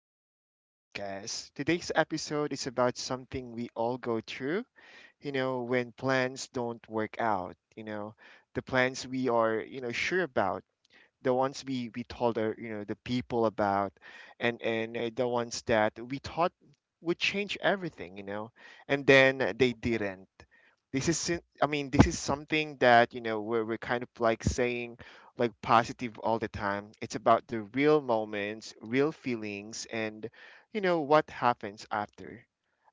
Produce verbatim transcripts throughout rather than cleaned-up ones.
an Hour podcast. Today's episode is about something we all go through, you know, when plans don't work out, you know, the plans we are, you know, sure about the ones we we told our, you know the people about and and uh, the ones that we thought would change everything you know and then uh, they didn't. This is sin- i mean this is something that you know we're, we're kind of like saying like positive all the time. It's about the real moments, real feelings, and you know what happens after,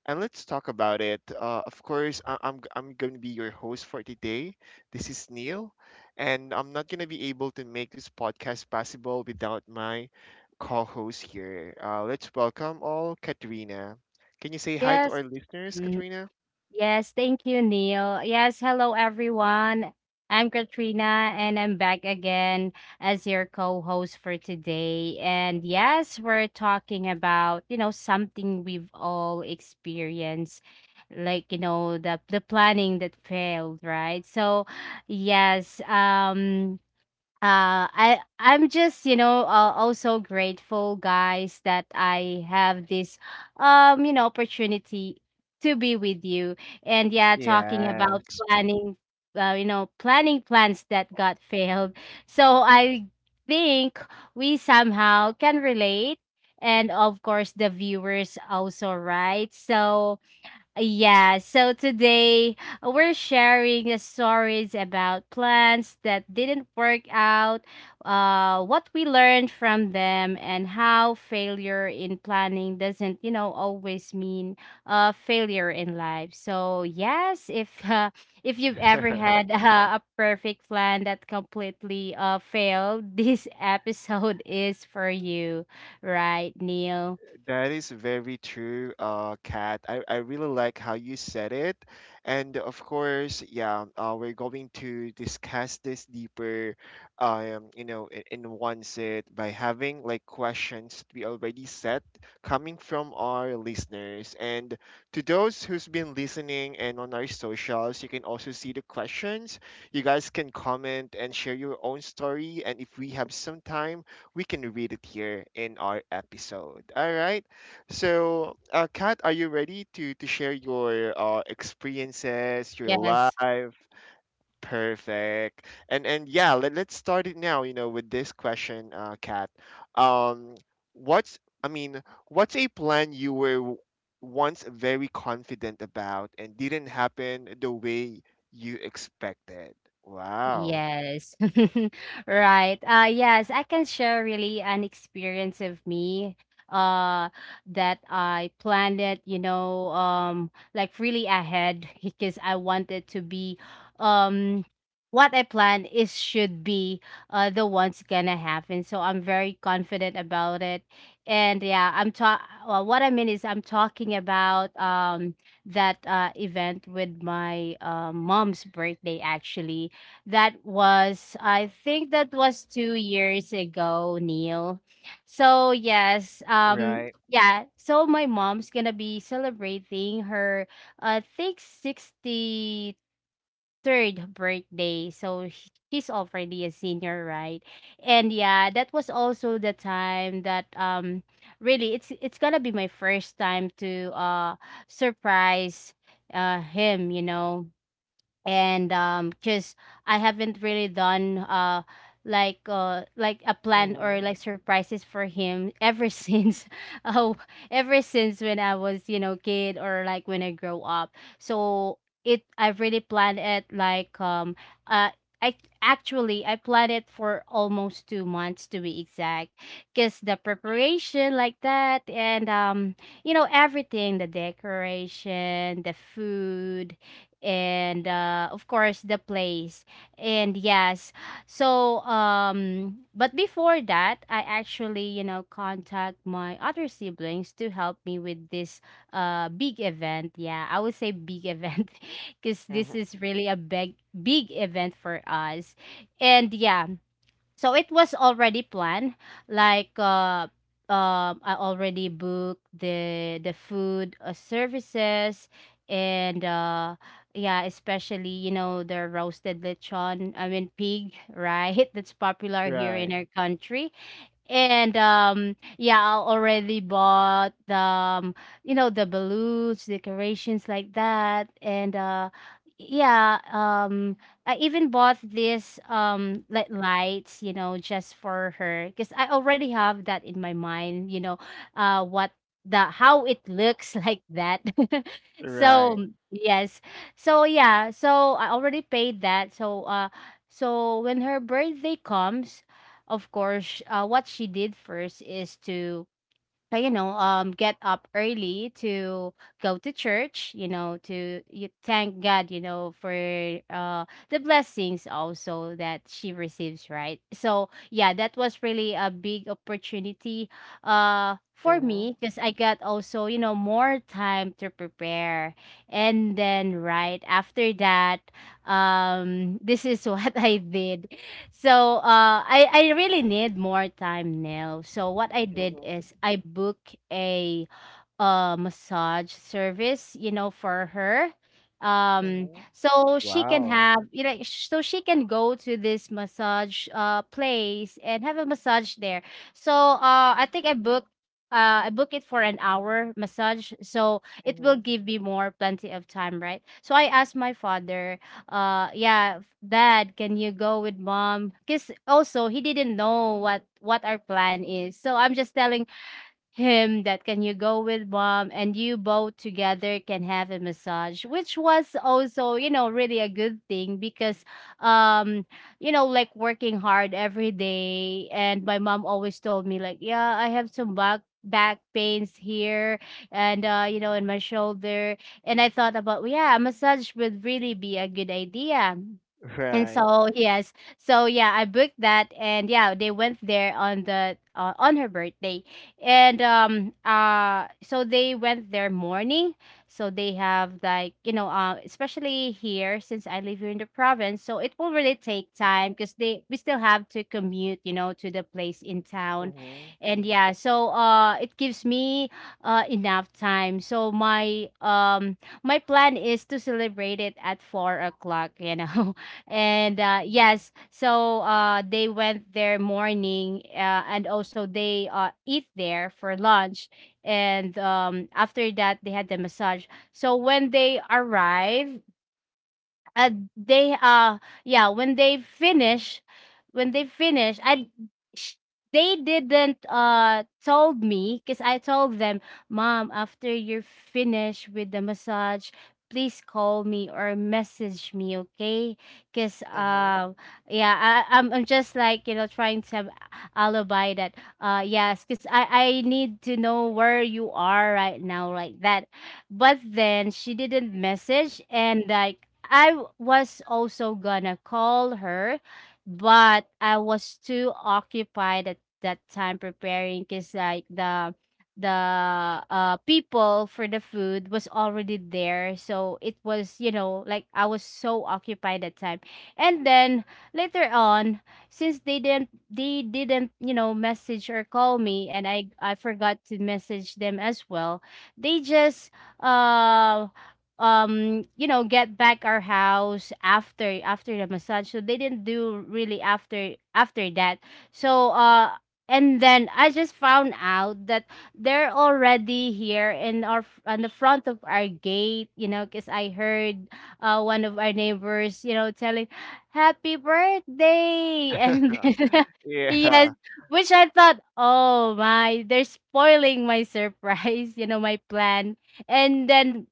and let's talk about it. Uh, of course, I- I'm g- I'm going to be your host for today. This is Neil, and I'm not going to be able to make this podcast possible without my co-host here. Uh, let's welcome all Katrina. Can you say hi to Yes. our listeners, Mm, Katrina? Yes, thank you, Neil. Yes, hello everyone. I'm Katrina and I'm back again as your co-host for today. And yes, we're talking about, you know, something we've all experienced, like, you know, the the planning that failed, right? So, yes, um uh i i'm just you know uh, also grateful guys that I have this um you know opportunity to be with you and yeah talking about Yes. planning uh, you know planning plans that got failed so I think we somehow can relate and of course the viewers also right so yeah, so today, uh, we're sharing the stories about plans that didn't work out, uh, what we learned from them, and how failure in planning doesn't, you know, always mean uh, failure in life. So yes, if uh, if you've ever had uh, a perfect plan that completely uh, failed, this episode is for you, right, Neil? That is very true, uh, Kat. I, I really like how you said it. And of course, yeah, uh, we're going to discuss this deeper, um, you know, in, in one sit by having like questions we already set coming from our listeners. And to those who's been listening and on our socials, you can also see the questions. You guys can comment and share your own story. And if we have some time, we can read it here in our episode. All right. So, uh, Kat, are you ready to to share your uh, experiences, your Yes. life? Perfect. And and yeah, let, let's start it now. You know, with this question, uh, Kat. Um, what's I mean, what's a plan you were w- once very confident about and didn't happen the way you expected? Wow. Yes. Right. Uh yes, I can share really an experience of me uh that I planned it, you know, um like really ahead because I wanted to be um what I plan is should be uh the one's gonna happen. So I'm very confident about it. And yeah, I'm ta well, what I mean is I'm talking about um that uh event with my uh, mom's birthday actually that was, I think that was two years ago, Neil. So yes, um, Right. yeah. So my mom's gonna be celebrating her, uh, I think, sixty-third birthday. So sh- she's already a senior, right? And yeah, that was also the time that um, really, it's it's gonna be my first time to uh surprise uh him, you know and um because I haven't really done uh like uh like a plan or Mm-hmm. like surprises for him ever since oh ever since when I was you know kid or like when I grow up so it I've really planned it like um uh I actually I planned it for almost two months to be exact, cause the preparation like that and um you know everything the decoration the food and uh, of course the place and yes so um but before that I actually you know contact my other siblings to help me with this uh big event yeah I would say big event because Mm-hmm. this is really a big big event for us and yeah so it was already planned. Like uh um I already booked the the food uh, services and uh yeah, especially you know the roasted lechon, I mean pig, right? That's popular here in Right. our country. And um yeah, I already bought the um, you know the balloons, decorations like that. And uh yeah, um I even bought this um like lights, you know, just for her because I already have that in my mind, you know, uh what the how it looks like that. so Right. yes. So yeah, so I already paid that. So uh so when her birthday comes, of course, uh, what she did first is to, uh, you know, um, get up early to go to church, you know, to you thank God, you know, for uh, the blessings also that she receives, right? So, yeah, that was really a big opportunity uh, for Mhm. me because I got also, you know, more time to prepare. And then, right after that, um, this is what I did so uh, I I really need more time now. So what I did Mhm. is I book a uh, massage service, you know, for her. Um, Mhm. so she can Wow. have, you know, sh- so she can go to this massage uh place and have a massage there. So uh, I think I booked. Uh, I book it for an hour massage, so it will Mhm. give me more plenty of time, right? So I asked my father, uh, yeah, Dad, can you go with Mom? Cause also he didn't know what what our plan is, so I'm just telling him that can you go with mom and you both together can have a massage which was also you know really a good thing because um you know like working hard every day and my mom always told me like yeah I have some back back pains here and uh you know in my shoulder and I thought about yeah a massage would really be a good idea and Right. so yes, so yeah, I booked that, and yeah, they went there on the uh, on her birthday, and um uh so they went there morning, so they have like you know uh especially here since I live here in the province, so it will really take time because they we still have to commute you know to the place in town, Mhm. and yeah, so uh it gives me uh enough time. So my um my plan is to celebrate it at four o'clock, you know and uh, yes so uh, they went there morning uh, and also they uh, eat there for lunch and um, after that they had the massage so when they arrive uh they uh yeah when they finish when they finish I sh- they didn't uh told me because I told them mom after you're finished with the massage please call me or message me okay because Mhm. uh yeah I, I'm, I'm just like you know trying to have alibi that uh yes because i i need to know where you are right now like that but then she didn't message, and like I w- was also gonna call her, but I was too occupied at that time preparing because like the the uh people for the food was already there so it was you know like I was so occupied that time and then later on since they didn't they didn't you know message or call me and i I forgot to message them as well they just uh um you know get back our house after after the massage so they didn't do really after after that so uh and then I just found out that they're already here in our on the front of our gate you know because I heard uh one of our neighbors you know telling happy birthday and then, yes Yeah. which I thought oh my they're spoiling my surprise you know my plan and then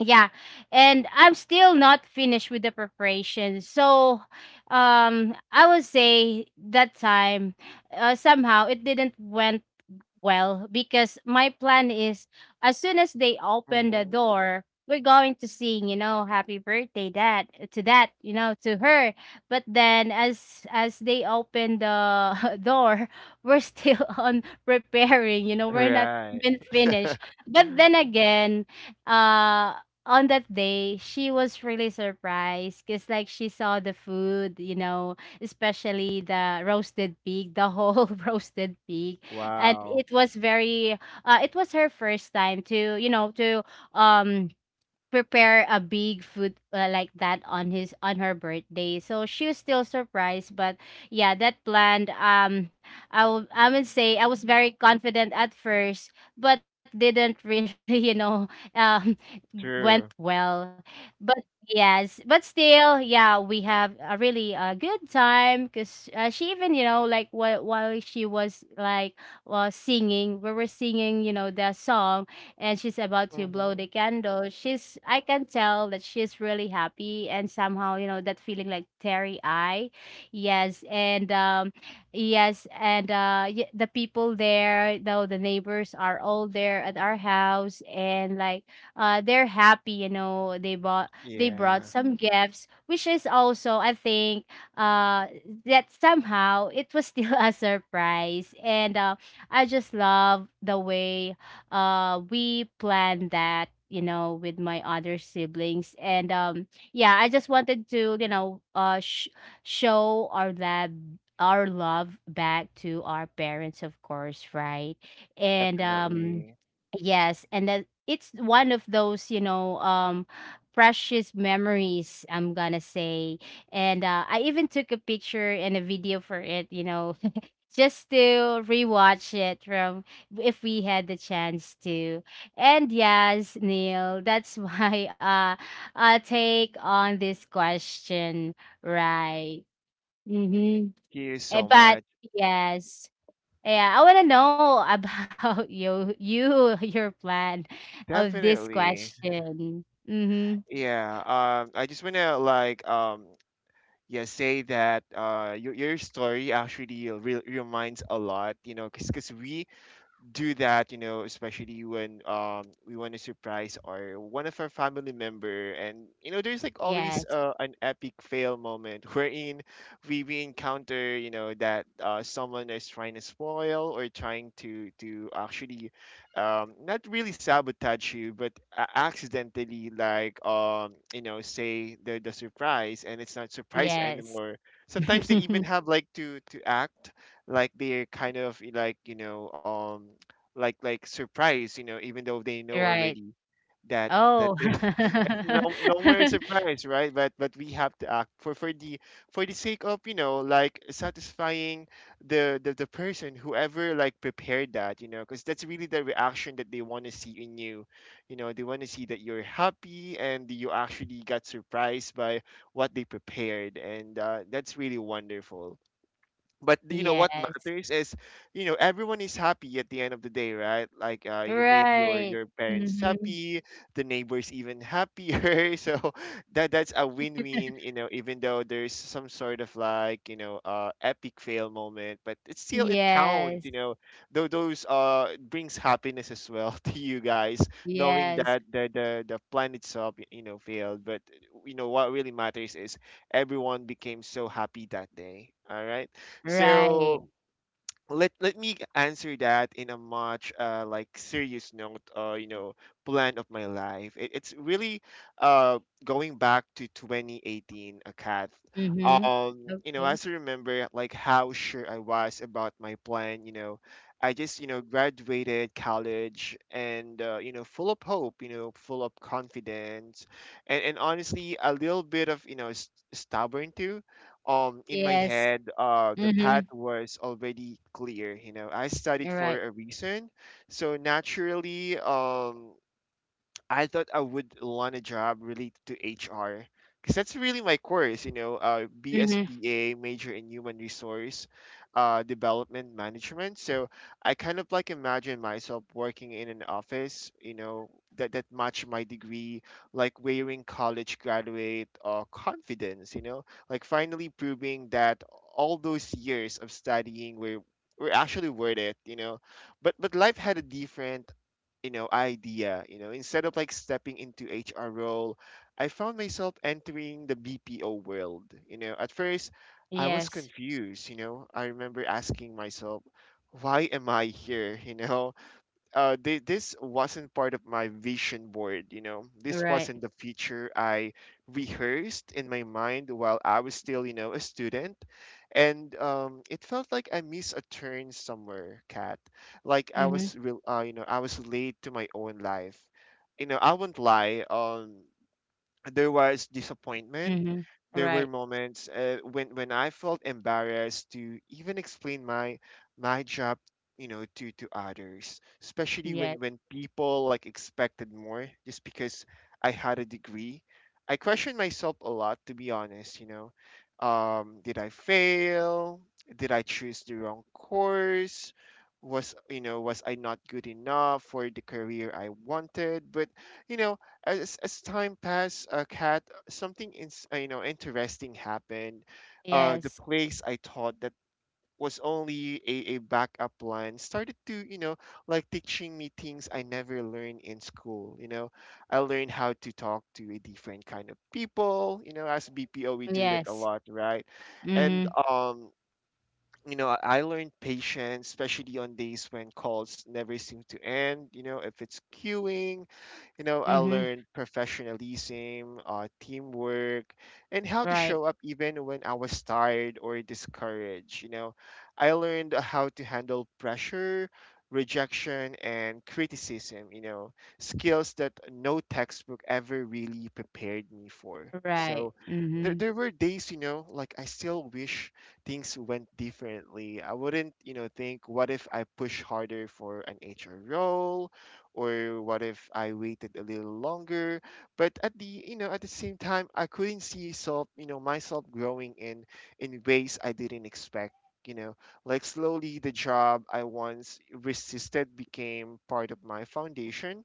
yeah and I'm still not finished with the preparation so um I would say that time uh, somehow it didn't went well, because my plan is as soon as they open the Mhm. door, we're going to sing, you know, happy birthday Dad" uh, to that, you know, to her. But then as as they open the door, we're still on preparing, you know, we're not Right. even finished. But then again, uh on that day, she was really surprised because, like, she saw the food, you know, especially the roasted pig, the whole roasted pig and Wow. it was very uh, it was her first time to you know to um prepare a big food uh, like that on his on her birthday. So she was still surprised, but yeah, that planned. Um, I would I would say I was very confident at first, but didn't really you know um True. went well. But yes, but still, yeah, we have a really uh, good time because uh, she even you know like while while she was like uh, singing, we were singing you know the song and she's about to blow Mhm. the candle she's I can tell that she's really happy and somehow you know that feeling like teary eye yes and um yes and uh y- the people there though the neighbors are all there at our house and like uh they're happy you know they bought they brought Yeah, some gifts which is also I think uh that somehow it was still a surprise and uh, I just love the way uh we planned that you know with my other siblings and um yeah I just wanted to you know uh sh- show our lab our love back to our parents of course right and um definitely. yes and that it's one of those you know um precious memories I'm gonna say and uh, I even took a picture and a video for it you know just to rewatch it from if we had the chance to. And yes, Neil, that's my uh, uh take on this question, right? Mm-hmm. Thank you Eh, so but much. yes. Yeah, I want to know about you, you, your plan of this Definitely. question. Mm-hmm. Yeah. Um, I just wanna like um yeah say that uh your your story actually re reminds a lot, you know, cause 'cause we do that, you know, especially when um we want to surprise our one of our family member, and you know, there's like always Yes, uh, an epic fail moment wherein we we encounter, you know, that uh, someone is trying to spoil or trying to to actually, um, not really sabotage you, but a- accidentally like um you know say the the surprise, and it's not surprise yes, anymore. Sometimes they even have like to to act like they're kind of like you know um like like surprised, you know, even though they know right. already that that Oh, there's it's no no more surprise, right? But but we have to act for for the for the sake of you know like satisfying the the, the person whoever like prepared that, you know, because that's really the reaction that they want to see in you. You know, they want to see that you're happy and you actually got surprised by what they prepared, and uh, that's really wonderful but th- you know what yes. matters is you know everyone is happy at the end of the day, right? Like uh, you made your Right. your parents Mhm. happy, the neighbors even happier. So that that's a win-win, you know, even though there's some sort of like you know uh epic fail moment, but it still it counts, Yes. you know, though those uh brings happiness as well to you guys, knowing Yes. that the the, the plan itself you know failed, but you know what really matters is everyone became so happy that day. All right, Right. so let let me answer that in a much uh, like serious note, or you know plan of my life. It, it's really uh going back to twenty eighteen, a cat. Mhm. Um, you know, Okay. as I remember like how sure I was about my plan. You know, I just you know graduated college and uh, you know full of hope. You know, full of confidence, and and honestly a little bit of you know st- stubborn too. um in my Yes. head uh the path Mhm. was already clear, you know, I studied You're for right. a reason, so naturally um I thought I would want a job related to H R because that's really my course, you know, uh, Mhm. B S B A, major in human resource uh, development management. So I kind of like imagine myself working in an office, you know, that, that match my degree, like wearing college graduate uh, confidence, you know, like finally proving that all those years of studying were, were actually worth it, you know. But, but life had a different you know idea. You know, instead of like stepping into HR role, I found myself entering the BPO world, you know. At first I was Yes. confused, you know, I remember asking myself, why am I here? You know, uh, thi- this wasn't part of my vision board, you know. This Right. wasn't the feature I rehearsed in my mind while I was still, you know, a student. And um, it felt like I missed a turn somewhere, Kat. Like I Mhm. was real, uh, you know, I was late to my own life. You know, I won't lie. Um, there was disappointment. Mhm. There were Right. moments uh, when when I felt embarrassed to even explain my my job, you know, to to others, especially Yes. when when people like expected more just because I had a degree. I questioned myself a lot, to be honest. You know, um, did I fail? Did I choose the wrong course? Was you know was I not good enough for the career I wanted? But you know as as time passed, uh, Kat, something in, you know interesting happened. Uh, the Yes. place I taught that was only a, a backup plan started to you know like teaching me things I never learned in school. You know, I learned how to talk to a different kind of people. You know, as B P O we do that a Yes. lot, right? And Mhm. um. You know, I I learned patience, especially on days when calls never seem to end. You know, if it's queuing, you know, I Mhm. learned professionalism, uh, teamwork, and how to Right. show up even when I was tired or discouraged. You know, I learned how to handle pressure, rejection, and criticism, you know, skills that no textbook ever really prepared me for. Right. So there, Mhm. there were days, you know, like I still wish things went differently. I wouldn't, you know, think, what if I push harder for an H R role? Or what if I waited a little longer? But at the you know at the same time, I couldn't see self you know myself growing in in ways I didn't expect. You know, like slowly the job I once resisted became part of my foundation,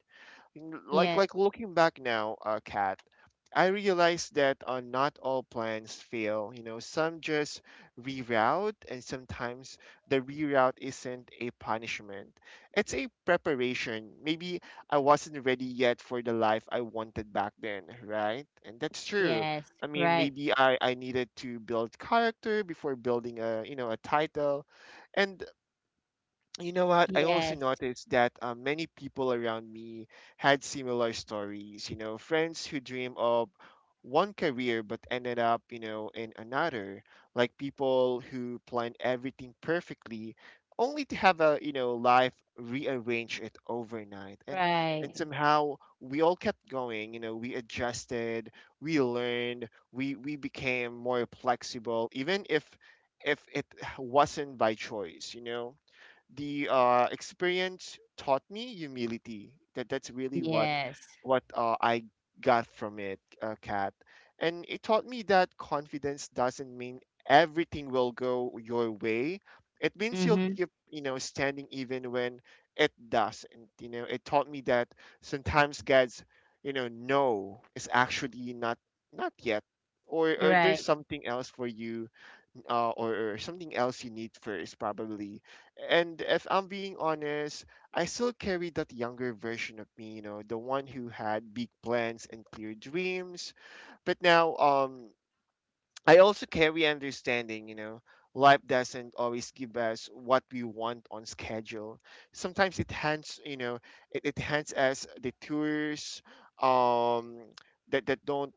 like Yes. like looking back now, uh, Kat, I realized that uh, not all plans fail. You know, some just reroute, and sometimes the reroute isn't a punishment. It's a preparation. Maybe I wasn't ready yet for the life I wanted back then, right? And that's true. Yes. I mean, Right. maybe I, I needed to build character before building a you know a title, and you know what? I also Yes. noticed that uh, many people around me had similar stories. You know, friends who dream of one career but ended up, you know, in another. Like people who planned everything perfectly, only to have a, you know, life rearrange it overnight. And and Right. somehow we all kept going. You know, we adjusted, we learned, we we became more flexible, even if if it wasn't by choice. You know the uh, experience taught me humility. That that's really what Yes. what uh, I got from it, uh, Kat. And it taught me that confidence doesn't mean everything will go your way. It means you'll Mhm. keep you know standing even when it doesn't. You know, it taught me that sometimes God's you know no is actually not not yet, or or there's Right. something else for you uh, or, or something else you need first, probably. And if I'm being honest, I still carry that younger version of me, you know, the one who had big plans and clear dreams. But now, um, I also carry understanding, you know, life doesn't always give us what we want on schedule. Sometimes it hands, you know, it, it hands us detours um, that, that don't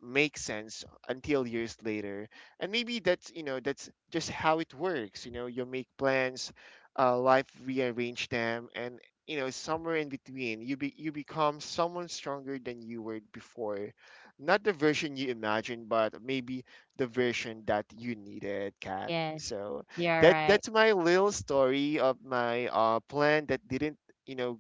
make sense until years later. And maybe that's, you know, that's just how it works. You know, you make plans, uh, life rearrange them, and, you know, somewhere in between, you, be, you become someone stronger than you were before. Not the version you imagined, but maybe the version that you needed, Kat. Yes. So You're that right. that's my little story of my uh, plan that didn't you know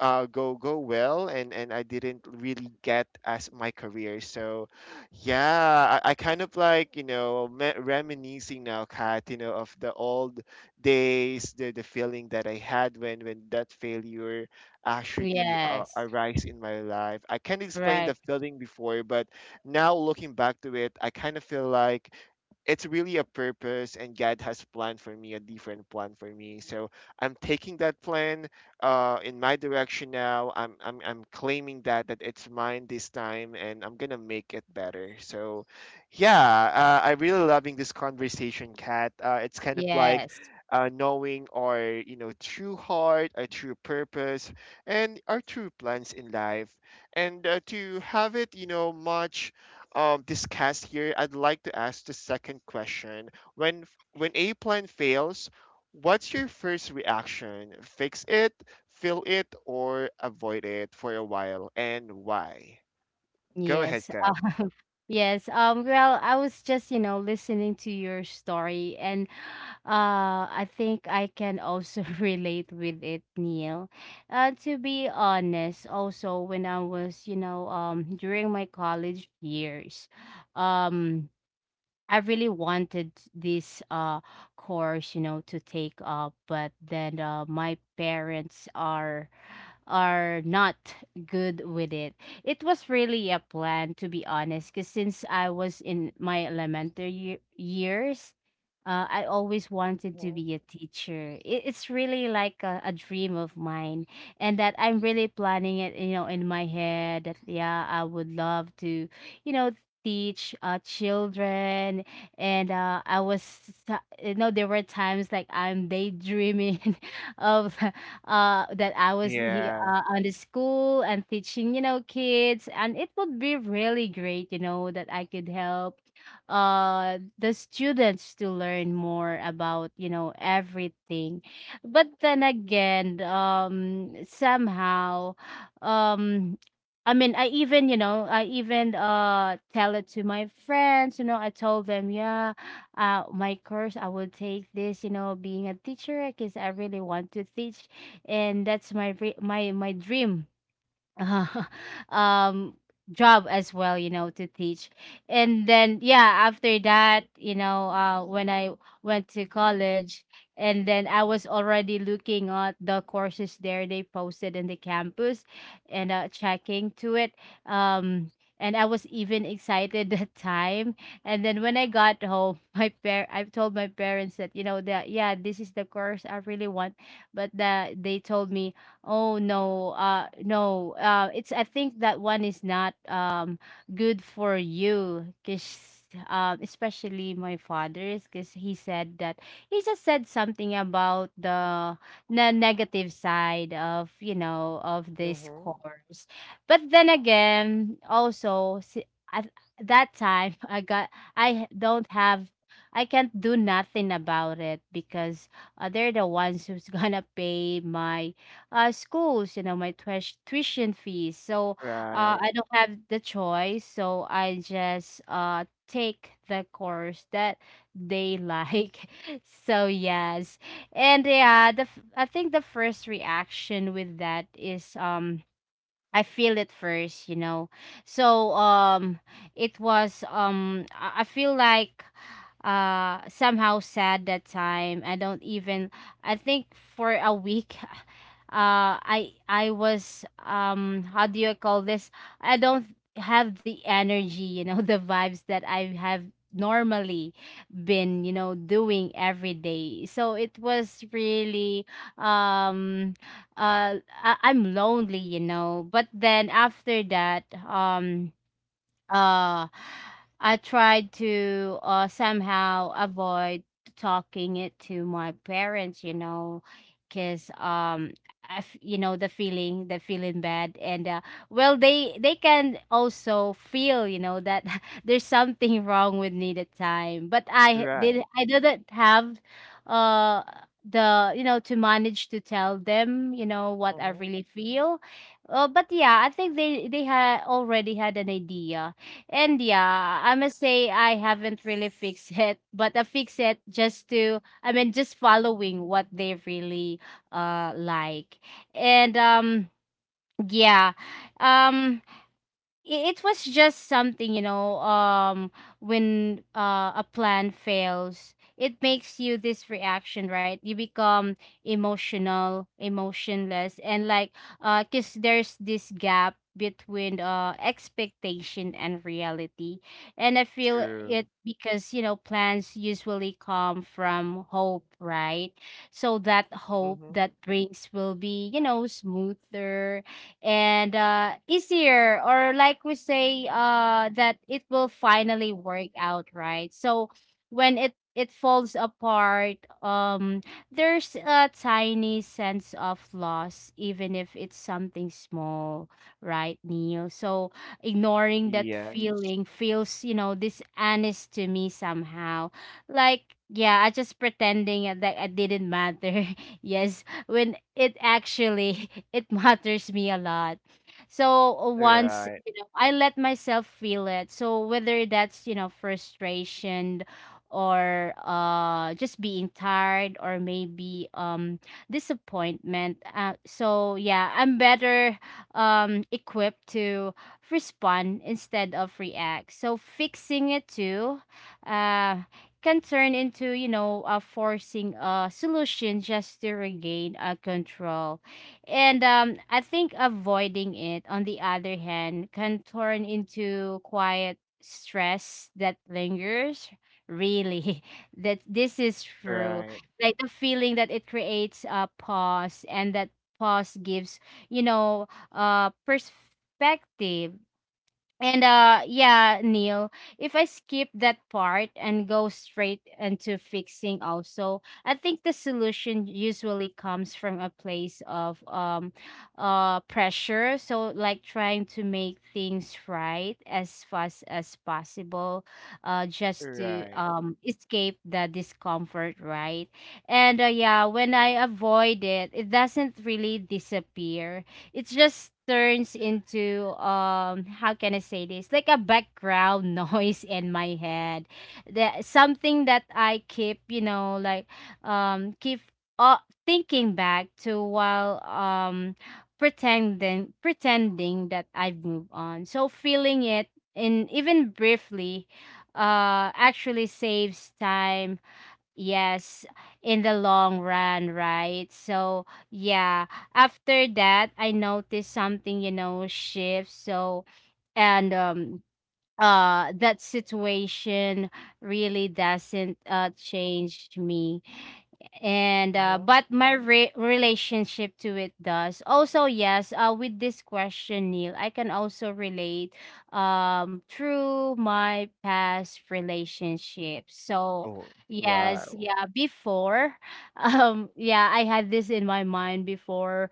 uh, go go well and and I didn't really get as my career. So yeah, I, I kind of like, you know, me- reminiscing now, Kat, you know, of the old days, the the feeling that I had when when that failure actually uh, Yes. arise in my life. I can't explain the Right. feeling before, but now looking back to it, I kind of feel like it's really a purpose and God has planned for me a different plan for me. So I'm taking that plan uh, in my direction now. I'm I'm I'm claiming that that it's mine this time, and I'm gonna make it better. So, yeah, uh, I really loving this conversation, Kat. Uh, it's kind of like Yes. uh, knowing our, you know, true heart, our true purpose, and our true plans in life. And uh, to have it, you know, much um, discussed here, I'd like to ask the second question. When when a plan fails, what's your first reaction? Fix it, feel it, or avoid it for a while, and why? Go ahead, Yes. Kat. Uh, yes. Um, well, I was just, you know, listening to your story and uh I think I can also relate with it, Neil. Uh to be honest, also when I was, you know, um during my college years, um I really wanted this uh course, you know, to take up, but then uh my parents are are not good with it. It was really a plan, to be honest, because since I was in my elementary ye- years, uh, I always wanted to Hmm. be a teacher. It, it's really like a, a dream of mine, and that I'm really planning it, you know, in my head that, yeah, I would love to, you know, teach uh, children and uh, I was, uh, you know, there were times like I'm daydreaming of uh, that I was he, Yeah. uh, on the school and teaching, you know, kids. And it would be really great, you know, that I could help uh, the students to learn more about, you know, everything. But then again, um, somehow, um, I mean, I even, you know, I even uh tell it to my friends, you know, I told them, yeah, uh my course I will take this, you know, being a teacher because I really want to teach, and that's my re- my my dream uh, um job as well, you know, to teach. And then yeah, after that, you know, uh when I went to college, and then I was already looking at the courses there they posted in the campus and uh checking to it um and I was even excited that time. And then when I got home my par- I told my parents that, you know, that yeah, this is the course I really want, but the, they told me, Oh no, uh no. Uh it's I think that one is not um good for you, cuz um especially my father's, cuz he said that he just said something about the ne- negative side of, you know, of this Hmm. course. But then again, also si- at that time I got I don't have I can't do nothing about it because uh, they're the ones who's gonna pay my uh, schools, you know, my tuish- tuition fees. So uh, Right. I don't have the choice. So I just uh, take the course that they like. So yes, and yeah, the f- I think the first reaction with that is um I feel it first, you know. So um it was um I I feel like uh somehow sad that time. I don't even I think for a week, uh I I was um how do you call this? I don't have the energy, you know, the vibes that I have normally been, you know, doing every day. So it was really um uh I- I'm lonely, you know. But then after that, um uh I tried to uh somehow avoid talking it to my parents, you know, cuz um I f- you know, the feeling the feeling bad. And uh, well, they they can also feel, you know, that there's something wrong with me that time, but i Right. did I didn't have uh the, you know, to manage to tell them, you know, what I Hmm. really feel. uh, but yeah, I think they they had already had an idea. And yeah, I must say I haven't really fixed it, but I fix it just to I mean just following what they really uh like. And um yeah. Um i- it was just something, you know, um when uh, a plan fails, it makes you this reaction, right? You become emotional, emotionless, and like uh because there's this gap between uh expectation and reality, and I feel True. it because, you know, plans usually come from hope, right? So that hope Hmm. that brings will be, you know, smoother and uh easier, or like we say uh that it will finally work out, right? So when it it falls apart, um there's a tiny sense of loss, even if it's something small, right, Neil? So ignoring that Yes. feeling feels, you know, dishonest to me somehow. Like yeah, I just pretending that I didn't matter, yes, when it actually it matters me a lot. So uh, once, Right. you know, I let myself feel it. So whether that's, you know, frustration or uh just being tired, or maybe um disappointment. uh, so yeah, I'm better um equipped to respond instead of react. So fixing it too uh can turn into, you know, a forcing a solution just to regain a control. And um, I think avoiding it, on the other hand, can turn into quiet stress that lingers. Really, that this is true. Right. Like the feeling that it creates a pause, and that pause gives, you know, uh, perspective. And uh yeah, Neil, if I skip that part and go straight into fixing also, I think the solution usually comes from a place of um uh pressure, so like trying to make things right as fast as possible, uh just to Right. um escape the discomfort, right? And uh, yeah, when I avoid it, it doesn't really disappear. It just turns into um how can I say this? Like a background noise in my head. That something that I keep, you know, like um keep uh, thinking back to, while um pretending pretending that I've moved on. So feeling it in even briefly uh actually saves time, yes, in the long run, right? So, yeah, after that, I noticed something, you know, shift. So, and um uh that situation really doesn't uh change me, and uh, Hmm. but my re- relationship to it does. Also yes, uh, with this question, Neil, I can also relate um through my past relationships. So Oh, yes, wow. yeah, before, um yeah, I had this in my mind before,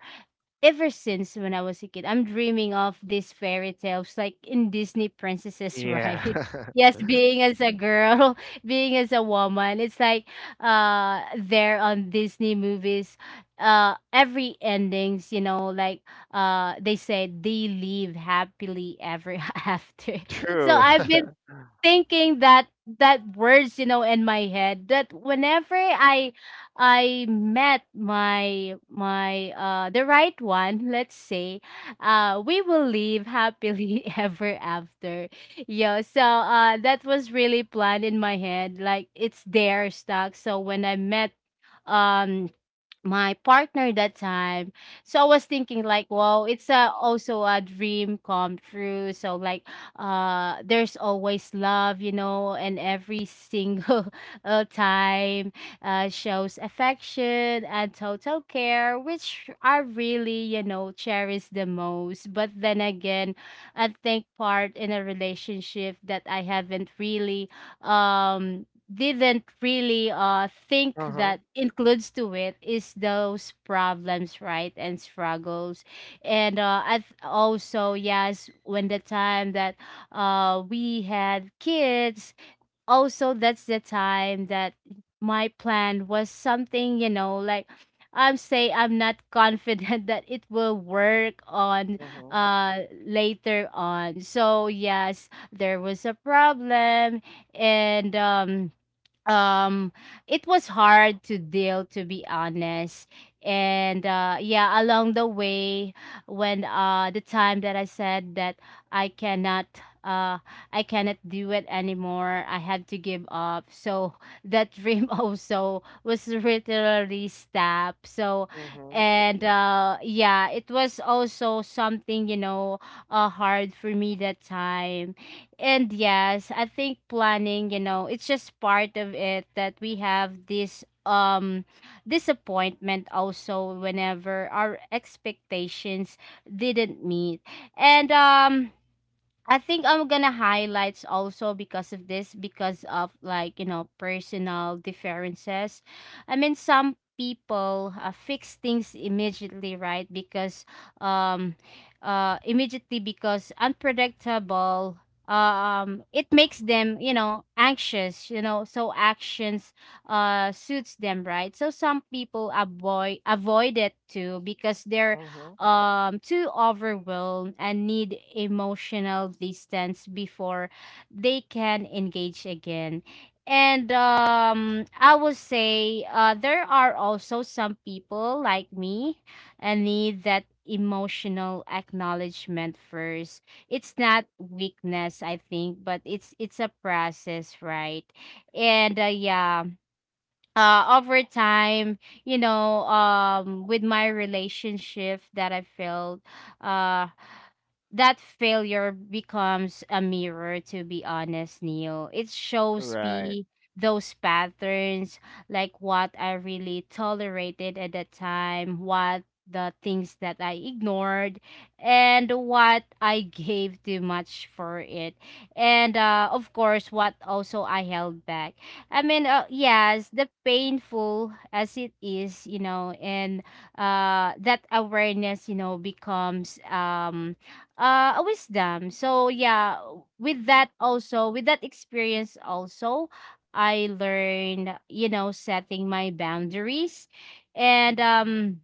ever since when I was a kid, I'm dreaming of these fairy tales, like in Disney princesses, Yeah. right? Yes, being as a girl, being as a woman, it's like uh there on Disney movies, uh every endings, you know, like uh they say they live happily ever after. So True. I've been thinking that that words, you know, in my head that whenever i i met my my uh the right one, let's say, uh we will live happily ever after. Yeah, so uh that was really planned in my head, like it's there stuck. So when I met um my partner that time. So I was thinking like, wow, it's a, also a dream come true. So like, uh, there's always love, you know, and every single uh, time uh, shows affection and total care, which I really, you know, cherish the most. But then again, I think part in a relationship that I haven't really um didn't really uh think Uh-huh. that includes to it is those problems, right, and struggles. And uh I th- also yes, when the time that uh we had kids, also that's the time that my plan was something, you know, like I'm say I'm not confident that it will work on Mm-hmm. uh later on. So yes, there was a problem, and um um it was hard to deal, to be honest. And uh yeah, along the way, when uh the time that I said that I cannot uh i cannot do it anymore, I had to give up. So that dream also was literally stopped. So Mm-hmm. and uh yeah, it was also something, you know, uh hard for me that time. And yes, I think planning, you know, it's just part of it that we have this um disappointment also whenever our expectations didn't meet. And um I think I'm gonna highlights also because of this, because of like, you know, personal differences. I mean, some people uh, fix things immediately, right? Because, um, uh, immediately because unpredictable, um, it makes them, you know, anxious, you know, so actions, uh, suits them, right? So some people avoid, avoid it too because they're Mm-hmm. um too overwhelmed and need emotional distance before they can engage again. And um I would say uh there are also some people like me, and need that emotional acknowledgement first. It's not weakness, I think, but it's it's a process, right? And uh, yeah, uh over time, you know, um with my relationship that I felt uh that failure becomes a mirror, to be honest, Neil. It shows Right. me those patterns, like what I really tolerated at the time, what the things that I ignored, and what I gave too much for it, and uh, of course, what also I held back. I mean, uh, yes, the painful as it is, you know, and uh, that awareness, you know, becomes um, uh, a wisdom. So yeah, with that also, with that experience also, I learned, you know, setting my boundaries, and um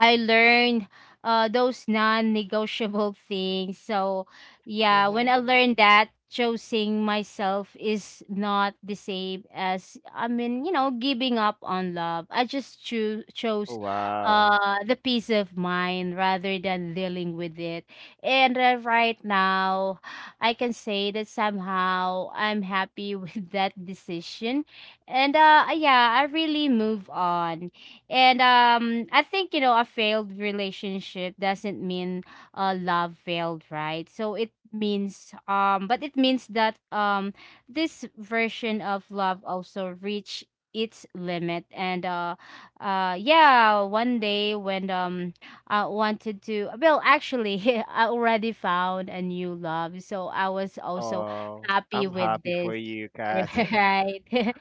I learned uh those non-negotiable things. So yeah, Mm-hmm. when I learned that choosing myself is not the same as I mean, you know, giving up on love. I just choose chose Wow. uh the peace of mind rather than dealing with it. And uh, right now, I can say that somehow I'm happy with that decision. And uh yeah, I really move on and um, I think you know a failed relationship doesn't mean uh, love failed, right? So it means um, but it means that um, this version of love also reached its limit and uh uh yeah, one day when um I wanted to, well actually I already found a new love, so I was also Oh, happy I'm with happy this. for you, Kat. Right.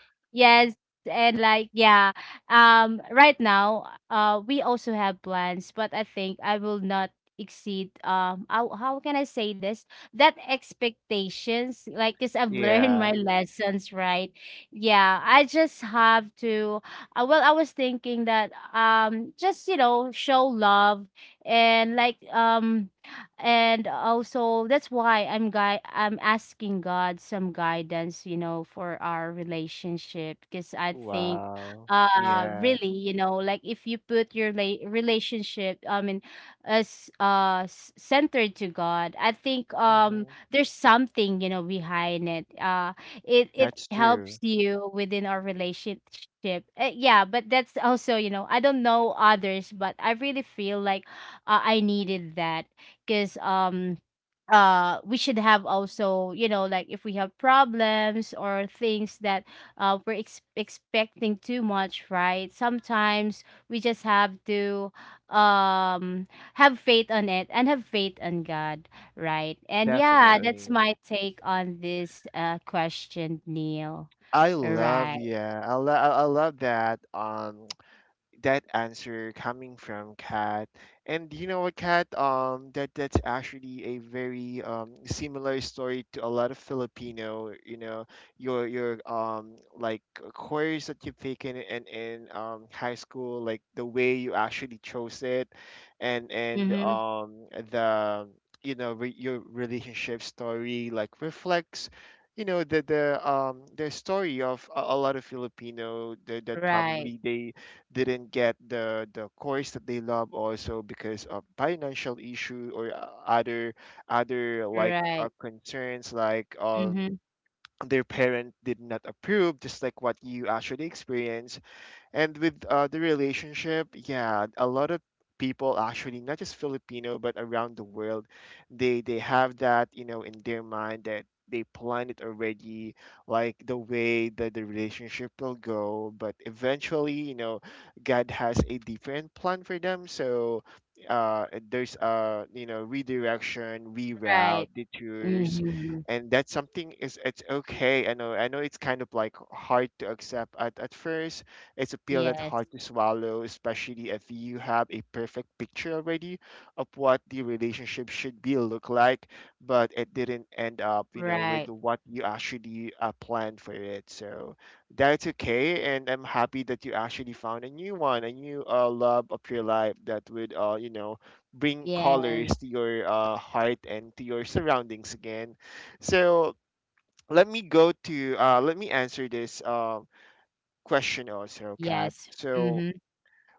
Yes, and like yeah, um right now uh we also have plans, but I think I will not exceed um how, how can i say this that expectations, like, because I've learned my Yeah. lessons, right? Yeah, I just have to, uh, well I was thinking that um just, you know, show love. And, like, um and also that's why I'm guy I'm asking God some guidance, you know, for our relationship, because I think Wow. uh Yeah. really, you know, like, if you put your la- relationship, I mean, as uh s- centered to God, I think um Hmm. there's something, you know, behind it. Uh it it That's helps true. you within our relationship. Uh, yeah, but that's also, you know, I don't know others, but I really feel like uh, I needed that, because um uh we should have also, you know, like, if we have problems or things that uh we're ex- expecting too much, right? Sometimes we just have to um have faith on it and have faith on God, right? And yeah, that's Definitely. my take on this uh question, Neil. I love, Right. yeah. I love I I love that um that answer coming from Kat. And you know what, Kat? Um, that that's actually a very um, similar story to a lot of Filipino. You know, your your um like uh, course that you've taken in in um, high school, like the way you actually chose it, and and mm-hmm. um the you know re- your relationship story like reflects, you know, the the um the story of a, a lot of Filipino that, that Right. probably they didn't get the the course that they love also because of financial issue or uh, other other like uh, Right. concerns like um mm-hmm. their parent did not approve, just like what you actually experienced. And with uh, the relationship, yeah, a lot of people actually, not just Filipino, but around the world, they they have that, you know, in their mind that they plan it already, like the way that the relationship will go. But eventually, you know, God has a different plan for them. So uh, there's a, you know, redirection, reroute, Right. detours, mm-hmm. and that's something is it's okay. I know I know it's kind of like hard to accept at, at first. It's a pill that's Yes. hard to swallow, especially if you have a perfect picture already of what the relationship should be look like, but it didn't end up, you know, with Right. what you actually uh, planned for it. So that's okay, and I'm happy that you actually found a new one, a new uh, love of your life that would, uh, you know, bring colors Yes. to your uh, heart and to your surroundings again. So let me go to uh, let me answer this um question also, Kat. Yes. So mm-hmm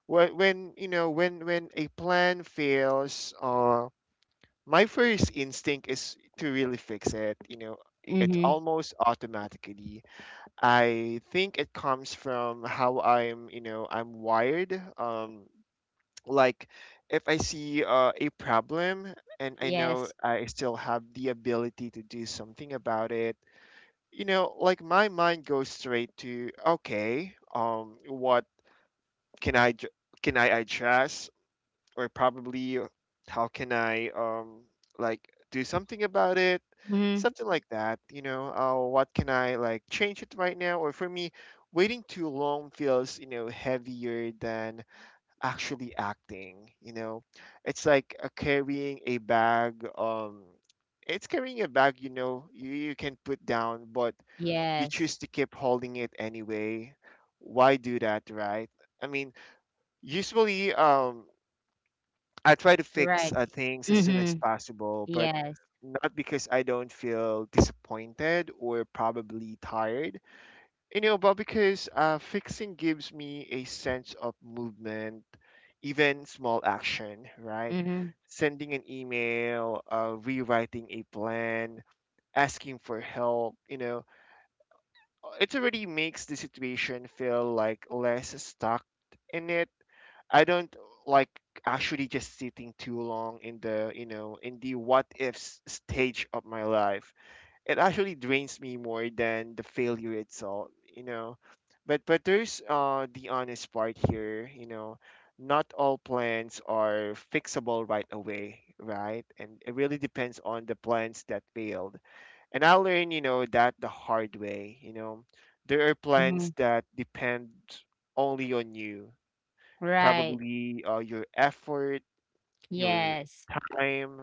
when when you know when when a plan fails, uh, my first instinct is to really fix it. You know, it's Mhm. almost automatically. I think it comes from how I'm, you know, I'm wired. Um, like if I see uh, a problem and I know Yes. I still have the ability to do something about it. You know, like my mind goes straight to okay, um, what can I j- can I adjust or probably how can I um like do something about it? Mhm. Something like that, you know. Uh, what can I like change it right now? Or for me, waiting too long feels, you know, heavier than actually acting. You know, it's like uh, carrying a bag. Um, it's carrying a bag. You know, you you can put down, but you Yes. choose to keep holding it anyway. Why do that, right? I mean, usually, um, I try to fix Right. uh, things as soon as Mhm. possible, but Yes. not because I don't feel disappointed or probably tired, you know, but because uh, fixing gives me a sense of movement, even small action, right? Mhm. Sending an email, uh, rewriting a plan, asking for help, you know, it already makes the situation feel like less stuck in it. I don't like actually just sitting too long in the, you know, in the what ifs stage of my life. It actually drains me more than the failure itself, you know. But but there's uh the honest part here, you know. Not all plans are fixable right away, right? And it really depends on the plans that failed. And I learned, you know, that the hard way, you know. There are plans Mhm. that depend only on you, Right. probably uh, your effort, your Yes. time,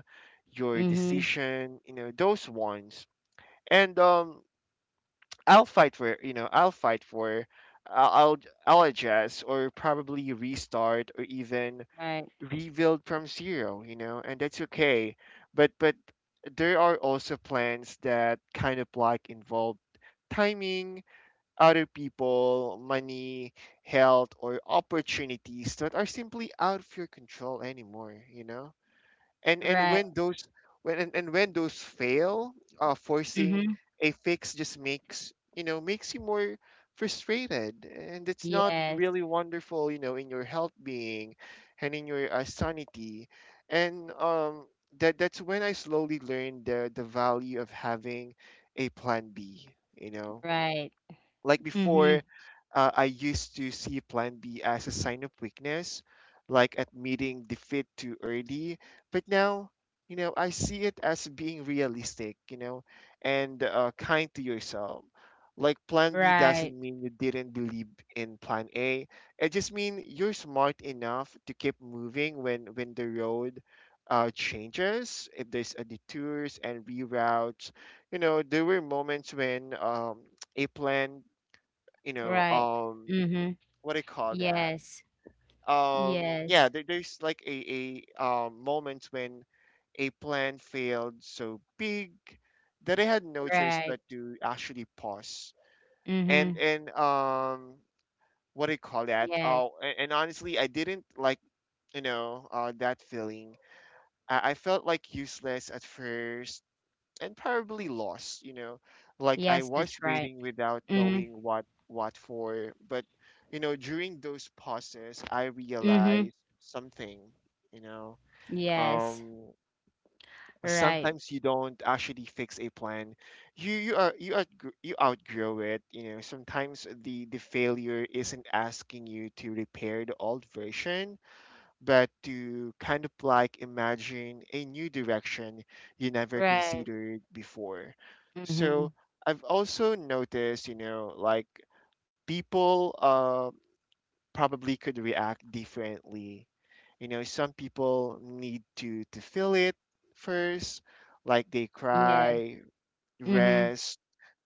your Mhm. decision, you know, those ones. And um, I'll fight for, you know, I'll fight for, I'll, I'll I'll adjust or probably restart or even Right. rebuild from zero, you know, and that's okay. But but there are also plans that kind of like involve timing, other people, money, health, or opportunities that are simply out of your control anymore, you know? And and Right. when those when and, and when those fail, uh, forcing Mhm. a fix just makes, you know, makes you more frustrated, and it's not Yes. really wonderful, you know, in your health being and in your uh, sanity, and um that that's when I slowly learned the the value of having a plan B, you know, Right. like before, Mhm. uh, I used to see plan B as a sign of weakness, like admitting defeat too early. But now, you know, I see it as being realistic, you know, and uh, kind to yourself. Like plan B Right. doesn't mean you didn't believe in plan A. It just means you're smart enough to keep moving when when the road uh, changes, if there's a detours and reroutes. You know, there were moments when um, a plan you know Right. um Mhm. what do you call that Yes. um yeah Yes. there, there's like a, a um moment when a plan failed so big that I had no choice Right. but to actually pause and Mhm. and um what do you call that, Yeah. oh, and, and honestly I didn't like, you know, uh, that feeling. I, I felt like useless at first and probably lost, you know. Like I Yes, was that's right. waiting without Mhm. knowing what what for, but you know, during those pauses, I Mhm. realized something, you know. Yes. Um, Right. sometimes you don't actually fix a plan. You you are you are you outgrow it, you know. Sometimes the the failure isn't asking you to repair the old version but to kind of like imagine a new direction you never Right. considered before. So Mhm. I've also noticed, you know, like people uh, probably could react differently. You know, some people need to to feel it first, like they Yeah. cry, Mhm. rest,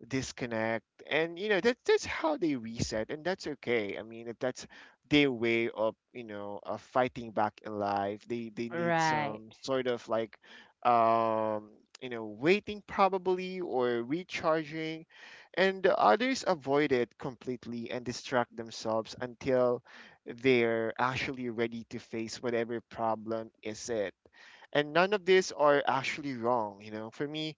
disconnect, and, you know, that that's how they reset, and that's okay. I mean, if that's their way of, you know, of fighting back in life, they they need Right. some sort of like um you know waiting probably or recharging, and the others avoid it completely and distract themselves until they're actually ready to face whatever problem is it. And none of these are actually wrong, you know. For me,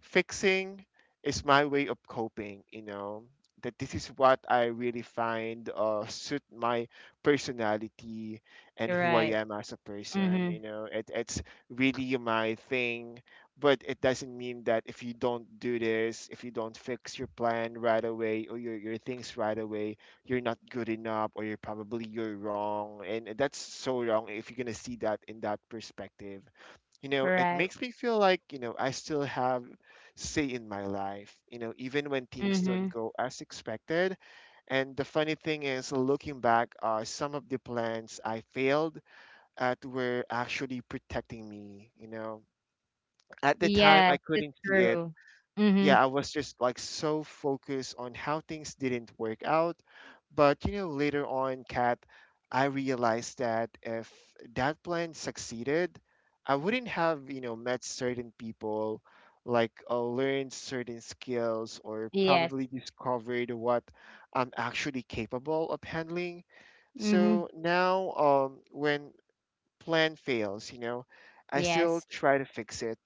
fixing is my way of coping, you know. That this is what I really find uh suit my personality and who I Right. am as a person, you Mhm. know. It, it's really my thing, but it doesn't mean that if you don't do this, if you don't fix your plan right away or your, your things right away, you're not good enough or you're probably you're wrong. And that's so wrong if you're going to see that in that perspective. You know, it Right. makes me feel like, you know, I still have say in my life, you know, even when things don't Mhm. go as expected. And the funny thing is, looking back, uh, some of the plans I failed at were actually protecting me, you know. At the time I Yes, it's couldn't see it. true. Mhm. Yeah, I was just like so focused on how things didn't work out. But you know, later on, Kat, I realized that if that plan succeeded, I wouldn't have, you know, met certain people, like uh, learned certain skills, or Yes. probably discovered what I'm actually capable of handling. Mhm. So now, um, when plan fails, you know, I still Yes. try to fix it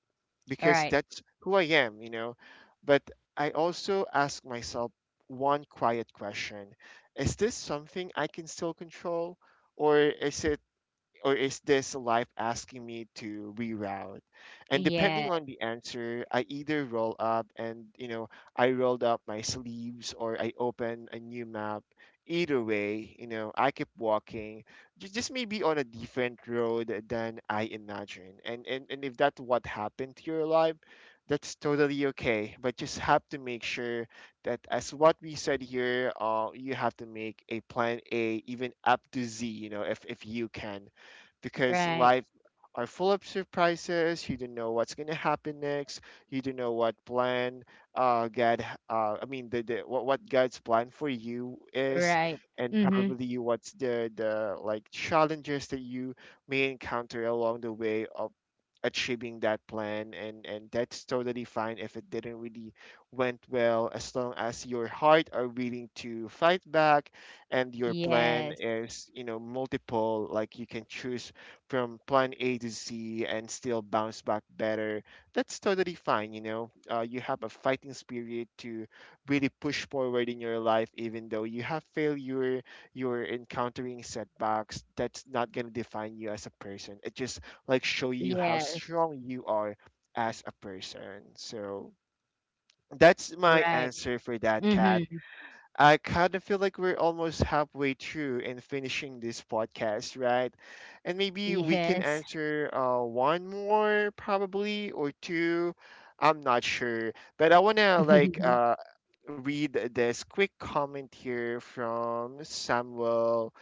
because Right. that's who I am, you know. But I also ask myself one quiet question. Is this something I can still control? Or is it or is this life asking me to reroute? And depending Yes. on the answer, I either roll up and, you know, I rolled up my sleeves, or I open a new map. Either way, you know, I keep walking, ju- just maybe on a different road than I imagined. And, and, and if that's what happened to your life, that's totally okay. But just have to make sure that as what we said here, uh, you have to make a plan A even up to Z, you know, if, if you can because Right. life are full of surprises. You don't know what's going to happen next. You don't know what plan uh, God, uh, I mean, the, the what, what God's plan for you is, Right. and Mhm. probably what's the the like challenges that you may encounter along the way of achieving that plan, and and that's totally fine if it didn't really went well, as long as your heart are willing to fight back and your plan Yes. is, you know multiple, like you can choose from plan A to Z and still bounce back better. That's totally fine. You know, uh, you have a fighting spirit to really push forward in your life, even though you have failure, you're encountering setbacks. That's not gonna define you as a person. It just like show you how Yes. strong you are as a person. So that's my Right. answer for that, Kat. Mhm. I kind of feel like we're almost halfway through and finishing this podcast, right? And maybe we can Yes. answer uh, one more, probably, or two. I'm not sure. But I want to like uh, read this quick comment here from Samuel.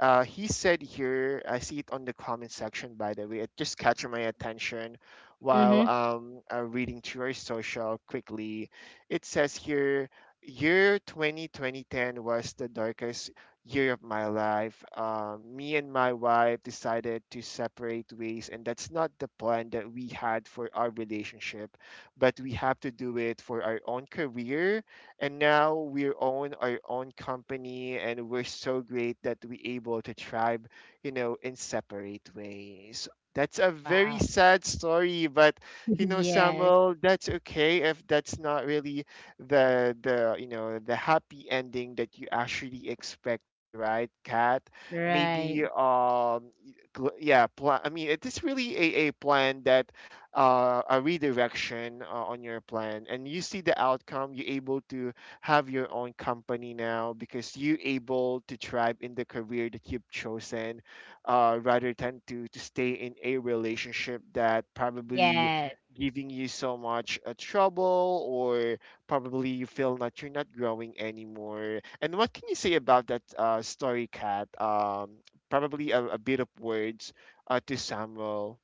Uh, he said here, I see it on the comment section, by the way. It just catch my attention while Mhm. um, uh, reading through our social quickly. It says here, year 20, twenty ten was the darkest year of my life. Uh, me and my wife decided to separate ways, and that's not the plan that we had for our relationship, but we have to do it for our own career, and now we own our own company, and we're so great that we able to thrive, you know in separate ways. That's a very Wow. sad story. But you know, Yes. Samuel, that's okay if that's not really the the you know the happy ending that you actually expected, right, Kat? Maybe, Right. um gl- yeah, pl- I mean, it is really a, a plan that, uh, a redirection uh, on your plan. And you see the outcome, you're able to have your own company now because you're able to thrive in the career that you've chosen, uh, rather than to, to stay in a relationship that probably Yes. giving you so much uh, trouble, or probably you feel that you're not growing anymore. And what can you say about that, uh, story, cat um, Probably a, a bit of words uh, to Samuel.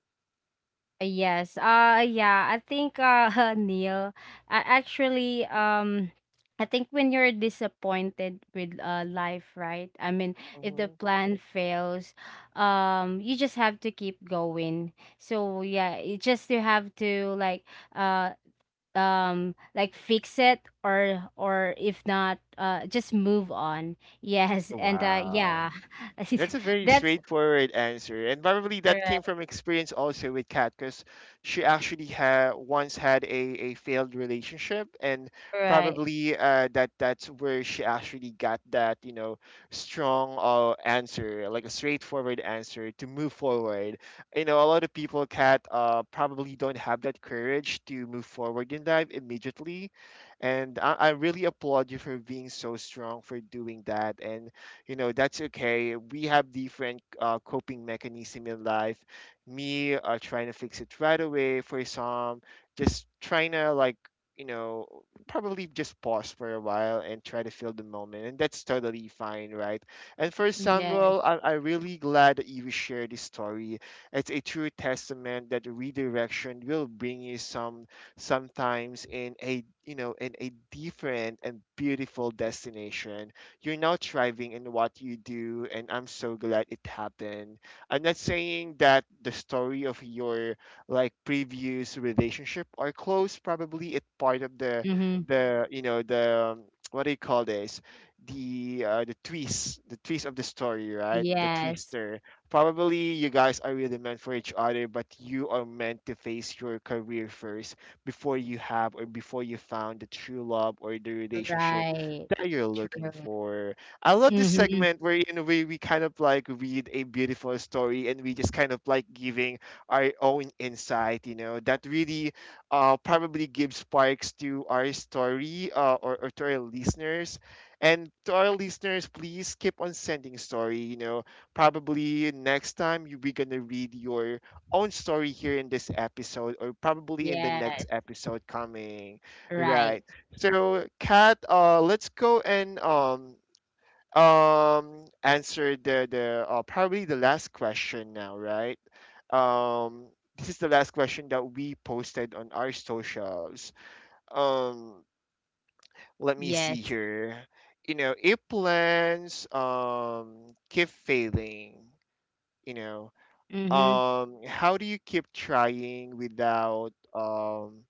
Yes. Uh yeah, I think uh Neil, I actually, um I think when you're disappointed with uh life, right? I mean, if the plan fails, um you just have to keep going. So yeah, you just you have to like, uh um like, fix it, or or if not, uh just move on. Yes, and uh Wow. yeah. That's a very That's straightforward answer. And probably that right. came from experience also with Kat, because she actually ha- once had a, a failed relationship. And Right. probably, uh, that that's where she actually got that, you know, strong, uh, answer, like a straightforward answer to move forward. You know, a lot of people, Kat, uh, probably don't have that courage to move forward in life immediately. And I, I really applaud you for being so strong for doing that. And you know, that's okay, we have different, uh, coping mechanism in life. Me, uh, trying to fix it right away, for some just trying to like, you know probably just pause for a while and try to feel the moment. And that's totally fine, right? And for Yes. Samuel, I- I'm really glad that you shared this story. It's a true testament that redirection will bring you some sometimes in a, you know in a different and beautiful destination. You're now thriving in what you do, and I'm so glad it happened. I'm not saying that the story of your, like, previous relationship are close. Probably it's part of the Mhm. the you know the um, what do you call this, the, uh, the twist, the twist of the story, right? The Yes. twister. Probably you guys are really meant for each other, but you are meant to face your career first before you have, or before you found the true love or the relationship Right. that you're looking True. for. I love this Mhm. segment, where in we, we kind of like read a beautiful story, and we just kind of like giving our own insight, you know, that really uh probably gives sparks to our story, uh, or, or to our listeners. And to our listeners, please keep on sending story, you know. Probably next time you we're gonna read your own story here in this episode, or probably in the next Yes. episode coming. Right. Right. So, Kat, uh, let's go and um um answer the the uh, probably the last question now, right? Um, this is the last question that we posted on our socials. Um, Let me see Yes. here. You know, if plans um keep failing, you know, Mhm. um, how do you keep trying without, um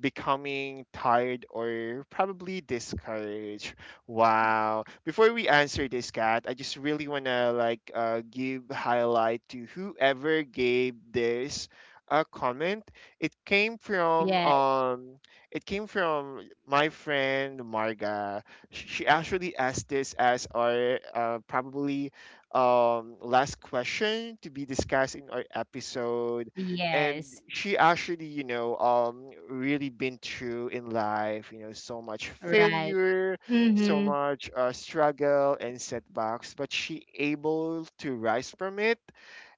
becoming tired or probably discouraged? Wow, before we answer this, cat I just really want to like, uh, give highlight to whoever gave this a comment. it came from Yes. um it came from my friend Marga. Sh- she actually asked this as our, uh, probably, um last question to be discussed in our episode. And Yes. she actually, you know um really been through in life, you know so much Right. failure, so Mhm. much, uh, struggle and setbacks, but she able to rise from it.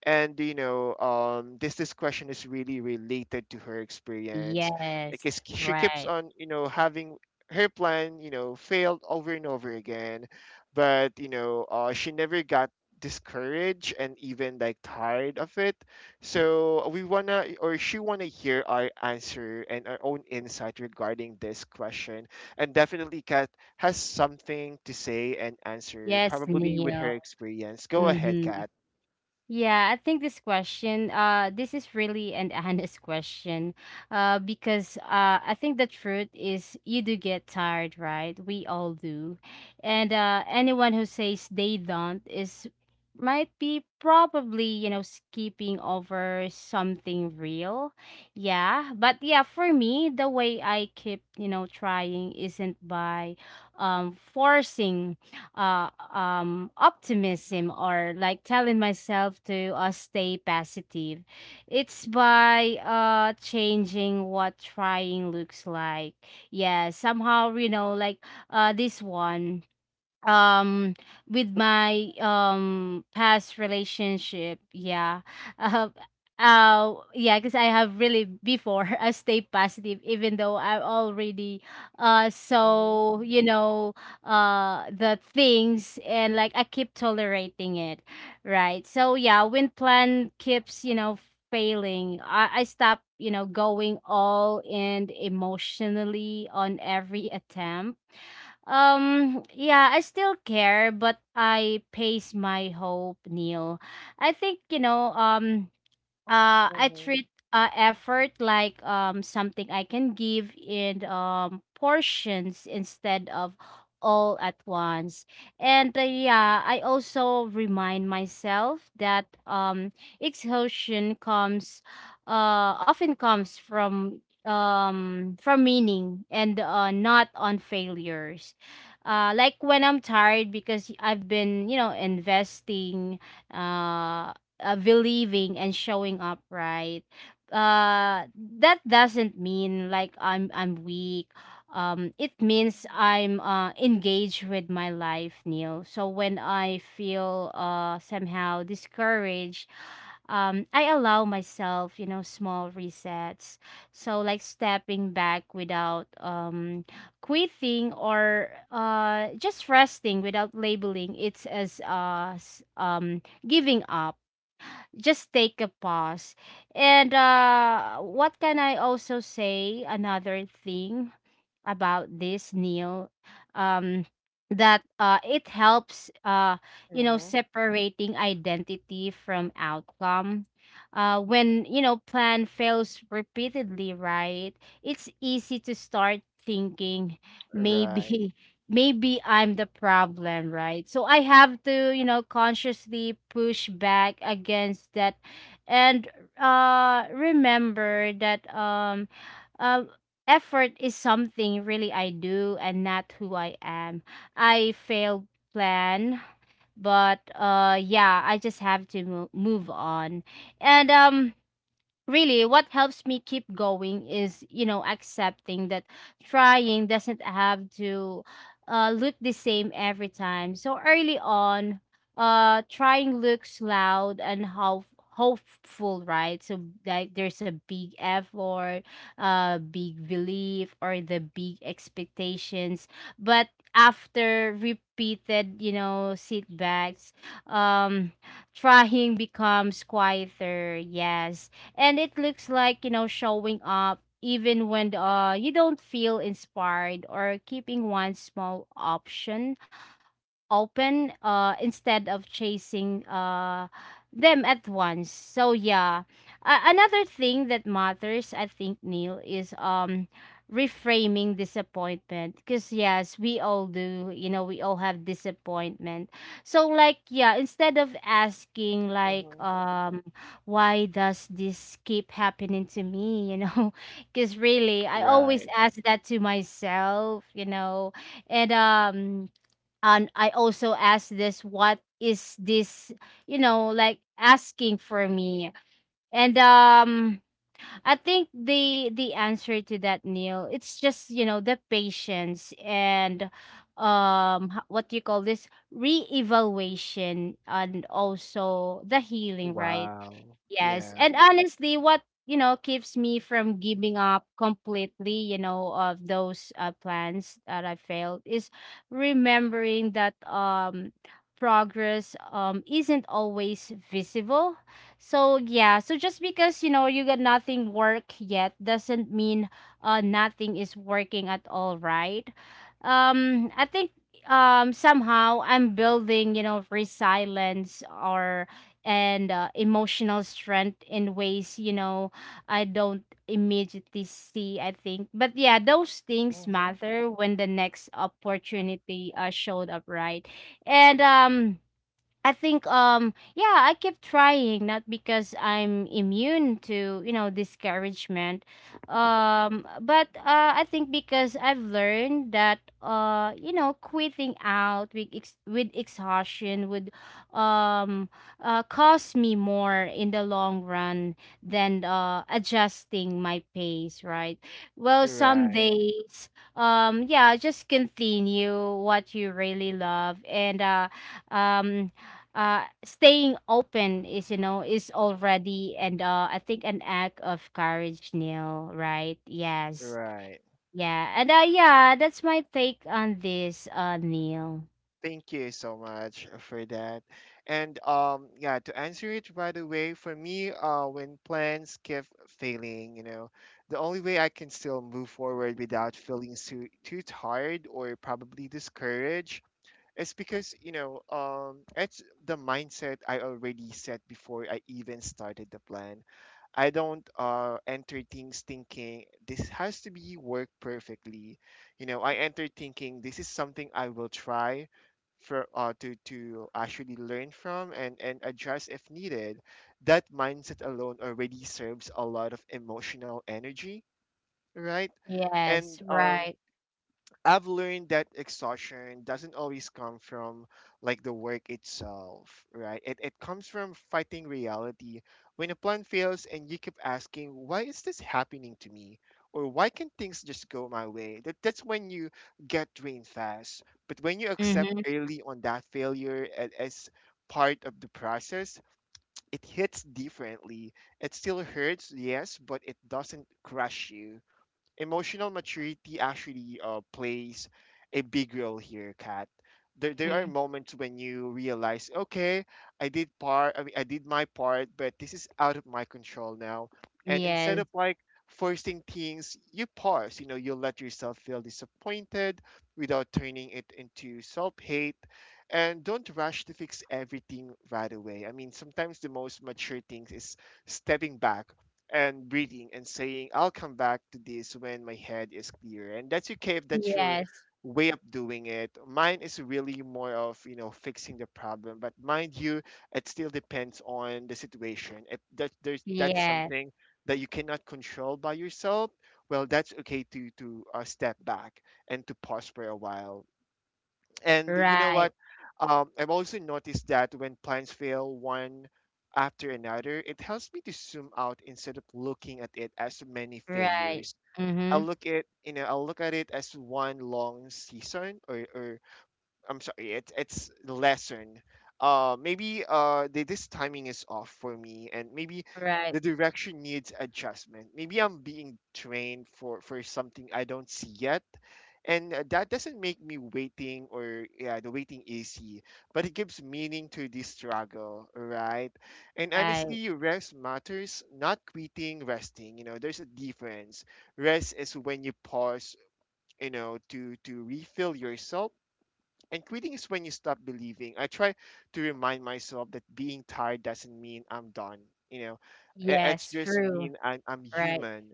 And you know um this this question is really related to her experience, Yes. because she keeps Right. on, you know having her plan, you know failed over and over again. But you know, uh, she never got discouraged, and even like tired of it. So we wanna, or she wanna, hear our answer and our own insight regarding this question. And definitely Kat has something to say and answer, Yes, probably with her Neil. experience. Go ahead, Mhm. Kat. Yeah, I think this question, uh, this is really an honest question, uh, because uh, I think the truth is you do get tired, right? We all do, and uh, anyone who says they don't is, might be probably, you know, skipping over something real. Yeah, but yeah, for me, the way I keep, you know, trying isn't by um forcing uh, um, optimism, or like telling myself to uh, stay positive. It's by uh, changing what trying looks like. Yeah, somehow, you know, like, uh, this one, um with my um past relationship, yeah, uh, uh yeah, because I have really before, I stay positive even though I already, uh Mhm. so, you know, uh the things, and like I keep tolerating it, right? So yeah, when plan keeps, you know, failing, i i stop, you know, going all in emotionally on every attempt. um, yeah, I still care, but I pace my hope, Neil. I think, you know, um, uh I Mhm. treat uh effort like um something I can give in um portions instead of all at once. And uh, yeah, I also remind myself that um exhaustion comes, uh often comes from um from meaning, and uh not on failures. Uh like, when I'm tired because I've been, you know, investing, uh uh, believing, and showing up, right? Uh that doesn't mean like i'm i'm weak. Um it means I'm uh engaged with my life, Neil. So when I feel uh somehow discouraged, um I allow myself, you know, small resets. So like, stepping back without um quitting, or uh just resting without labeling it as uh s- um giving up. Just take a pause. And uh, what can I also say? Another thing about this, Neil, um that uh it helps, uh you know, Mhm. separating identity from outcome. Uh when, you know, plan fails repeatedly, right? It's easy to start thinking Right. maybe, maybe I'm the problem, right? So I have to, you know, consciously push back against that, and uh remember that um uh effort is something really I do, and not who I am. I failed plan, but uh yeah, I just have to mo- move on. And um really, what helps me keep going is, you know, accepting that trying doesn't have to uh, look the same every time. So early on, uh trying looks loud and how hopeful, right? So, like, there's a big effort, uh big belief, or the big expectations. But after repeated, you know, setbacks, um trying becomes quieter, yes, and it looks like, you know, showing up even when uh you don't feel inspired, or keeping one small option open, uh instead of chasing uh them at once. So yeah, A another thing that matters, I think, Neil, is um reframing disappointment, because yes, we all do, you know, we all have disappointment. So, like, yeah, instead of asking, like, Mhm. um why does this keep happening to me, you know, because really I Right. always ask that to myself, you know, and um and I also asked this, what is this, you know, like asking for me. And um I think the the answer to that, Neil, it's just, you know, the patience, and um h- what do you call this, reevaluation, and also the healing, right? Wow. Yes. Yeah. And honestly, what, you know, keeps me from giving up completely, you know, of those uh, plans that I failed, is remembering that um progress um isn't always visible. So, yeah, so just because, you know, you got nothing work yet doesn't mean uh nothing is working at all, right? Um I think um somehow I'm building, you know, resilience, or, and uh, emotional strength in ways, you know, I don't immediately see. I think, but yeah, those things Mhm. matter when the next opportunity uh, showed up, right? And um I think um yeah, I kept trying not because I'm immune to, you know, discouragement. Um but uh I think because I've learned that uh you know, quitting out with ex- with exhaustion would um uh cost me more in the long run than uh adjusting my pace, right? Well, some Right, days, um yeah, just continue what you really love, and uh um uh staying open is, you know, is already, and uh I think, an act of courage, Neil, right? Yes, right. yeah, and uh yeah, that's my take on this, uh Neil. Thank you so much for that. And, um yeah, to answer it right away, for me, uh when plans keep failing, you know, the only way I can still move forward without feeling too too tired or probably discouraged is because, you know, um it's the mindset I already set before I even started the plan. I don't, uh, enter things thinking this has to be work perfectly. You know, I enter thinking this is something I will try for, uh, to to actually learn from, and and address if needed. That mindset alone already serves a lot of emotional energy, right? Yes. And, um, Right. I've learned that exhaustion doesn't always come from, like, the work itself, right? It, it comes from fighting reality. When a plan fails and you keep asking, why is this happening to me? Or why can't things just go my way? That, that's when you get drained fast. But when you accept mm-hmm, early on that failure a- as part of the process, it hits differently. It still hurts, yes, but it doesn't crush you. Emotional maturity actually, uh, plays a big role here, Kat. There, there are mm-hmm. moments when you realize, okay, I did part, I mean, I did my part, but this is out of my control now. And Yes. instead of like forcing things, you pause. You know, you let yourself feel disappointed without turning it into self-hate, and don't rush to fix everything right away. I mean, sometimes the most mature things is stepping back and breathing and saying, I'll come back to this when my head is clear. And that's okay if that's your Yes. way of doing it. Mine is really more of, you know, fixing the problem. But mind you, it still depends on the situation. If that, there's that's Yeah. something that you cannot control by yourself, well, that's okay to to uh, step back and to pause for a while. And you know Right. what? Um, I've also noticed that when plans fail one after another, it helps me to zoom out instead of looking at it as many Right. failures. I mm-hmm look at you know I look at it as one long season, or, or I'm sorry, it's it's lesson. Uh, maybe, uh, the, this timing is off for me, and maybe the right. direction needs adjustment. Maybe I'm being trained for for something I don't see yet, and, uh, that doesn't make me waiting, or yeah, the waiting easy, but it gives meaning to this struggle, right? And Right. honestly, rest matters, not quitting, resting. You know, there's a difference. Rest is when you pause, you know, to to refill yourself, and quitting is when you stop believing. I try to remind myself that being tired doesn't mean I'm done. You know, I- it's Yes. just True. mean I'm, I'm Right. human.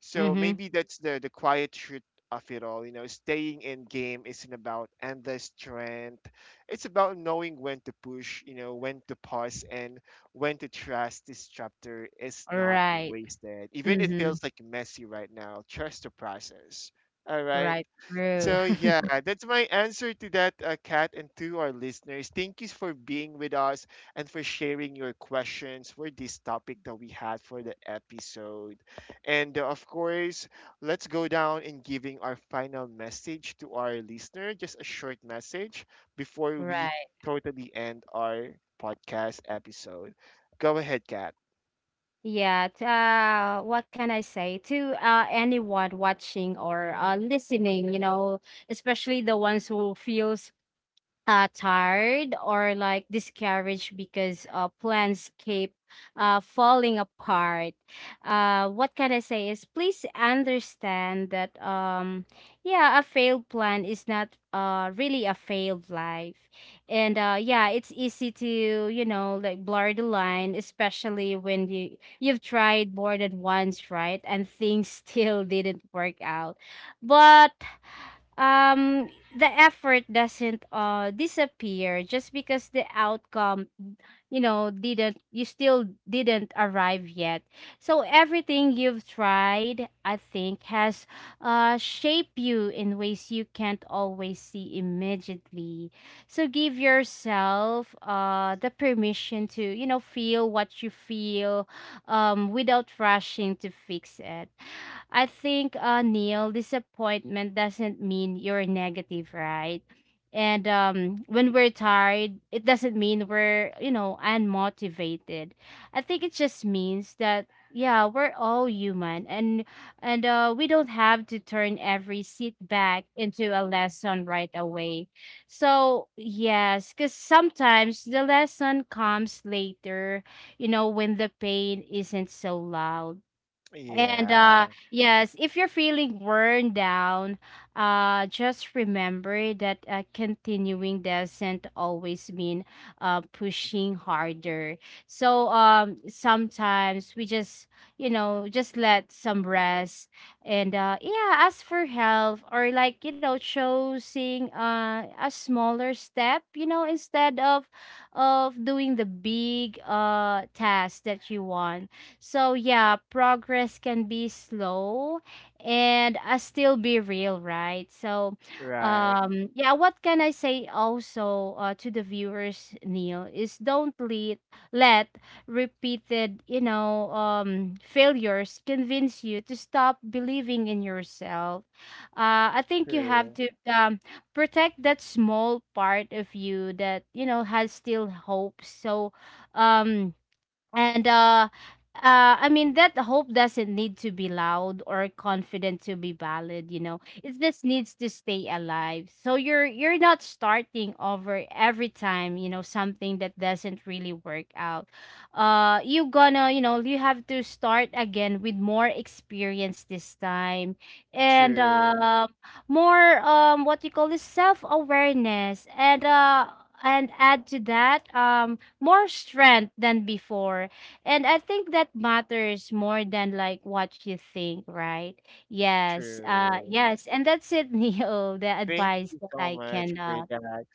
So mm-hmm maybe that's the the quiet truth of it all. You know, staying in game isn't about endless strength. It's about knowing when to push. You know, when to pause, and when to trust. This chapter is not right. wasted, even it mm-hmm feels like messy right now. Trust the process. All right. right. True. So yeah, that's my answer to that, uh, Kat, and to our listeners. Thank you for being with us and for sharing your questions for this topic that we had for the episode. And, uh, of course, let's go down and giving our final message to our listener, just a short message before we Right. totally end our podcast episode. Go ahead, Kat. Yeah, t- uh, what can I say to uh, anyone watching or uh, listening, you know, especially the ones who feels uh, tired or like discouraged because uh, plans keep uh, falling apart. Uh, what can I say is, please understand that um yeah, a failed plan is not uh really a failed life, and uh yeah, it's easy to, you know, like, blur the line, especially when you you've tried more than once, right, and things still didn't work out, but um the effort doesn't uh disappear just because the outcome, you know, didn't, you still didn't arrive yet. So everything you've tried, I think, has uh shaped you in ways you can't always see immediately. So give yourself uh the permission to, you know, feel what you feel, um without rushing to fix it. I think, uh, Neil, disappointment doesn't mean you're negative, right? And um, when we're tired, it doesn't mean we're, you know, unmotivated. I think it just means that, yeah, we're all human, and and uh, we don't have to turn every setback into a lesson right away. So yes, because sometimes the lesson comes later, you know, when the pain isn't so loud. And Yeah, uh yes, if you're feeling worn down, uh just remember that uh, continuing doesn't always mean uh pushing harder. So um sometimes we just, you know, just let some rest, and uh yeah, ask for help, or like, you know, choosing uh a smaller step, you know, instead of of doing the big uh task that you want. So yeah, progress can be slow, and uh, still be real, right? So right. um yeah, what can I say also, uh, to the viewers, Neil, is don't let let repeated, you know, um failures convince you to stop believing in yourself. Uh I think you have True. to um protect that small part of you that, you know, has still hope. So um and uh uh, I mean, that hope doesn't need to be loud or confident to be valid, you know. It just needs to stay alive. So you're you're not starting over every time, you know, something that doesn't really work out. Uh you gonna, you know, you have to start again with more experience this time, and True. uh, more, um what you call this, self-awareness, and uh and add to that um more strength than before. And I think that matters more than like what you think, right? Yes, uh True. yes, and that's it. Neo, the Thank advice you that so I much can for uh that.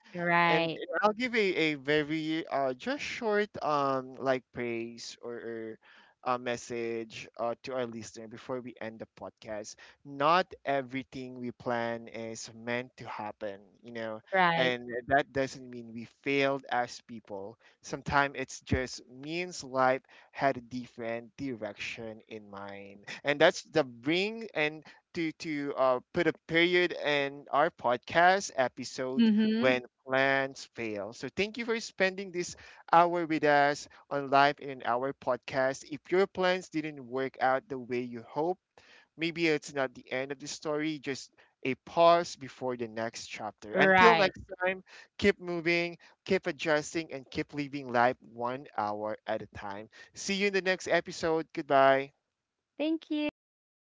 And right. I'll give a, a very, uh just short, um like, praise, or, or a message, uh, to our listener before we end the podcast. Not everything we plan is meant to happen, you know, Right. and that doesn't mean we failed as people. Sometimes it's just means life had a different direction in mind, and that's the bring and to to uh, put a period in our podcast episode mm-hmm when plans fail. So thank you for spending this hour with us on Life in an Hour podcast. If your plans didn't work out the way you hoped, maybe it's not the end of the story, just a pause before the next chapter. Until right. next time, keep moving, keep adjusting, and keep living life one hour at a time. See you in the next episode. Goodbye. Thank you.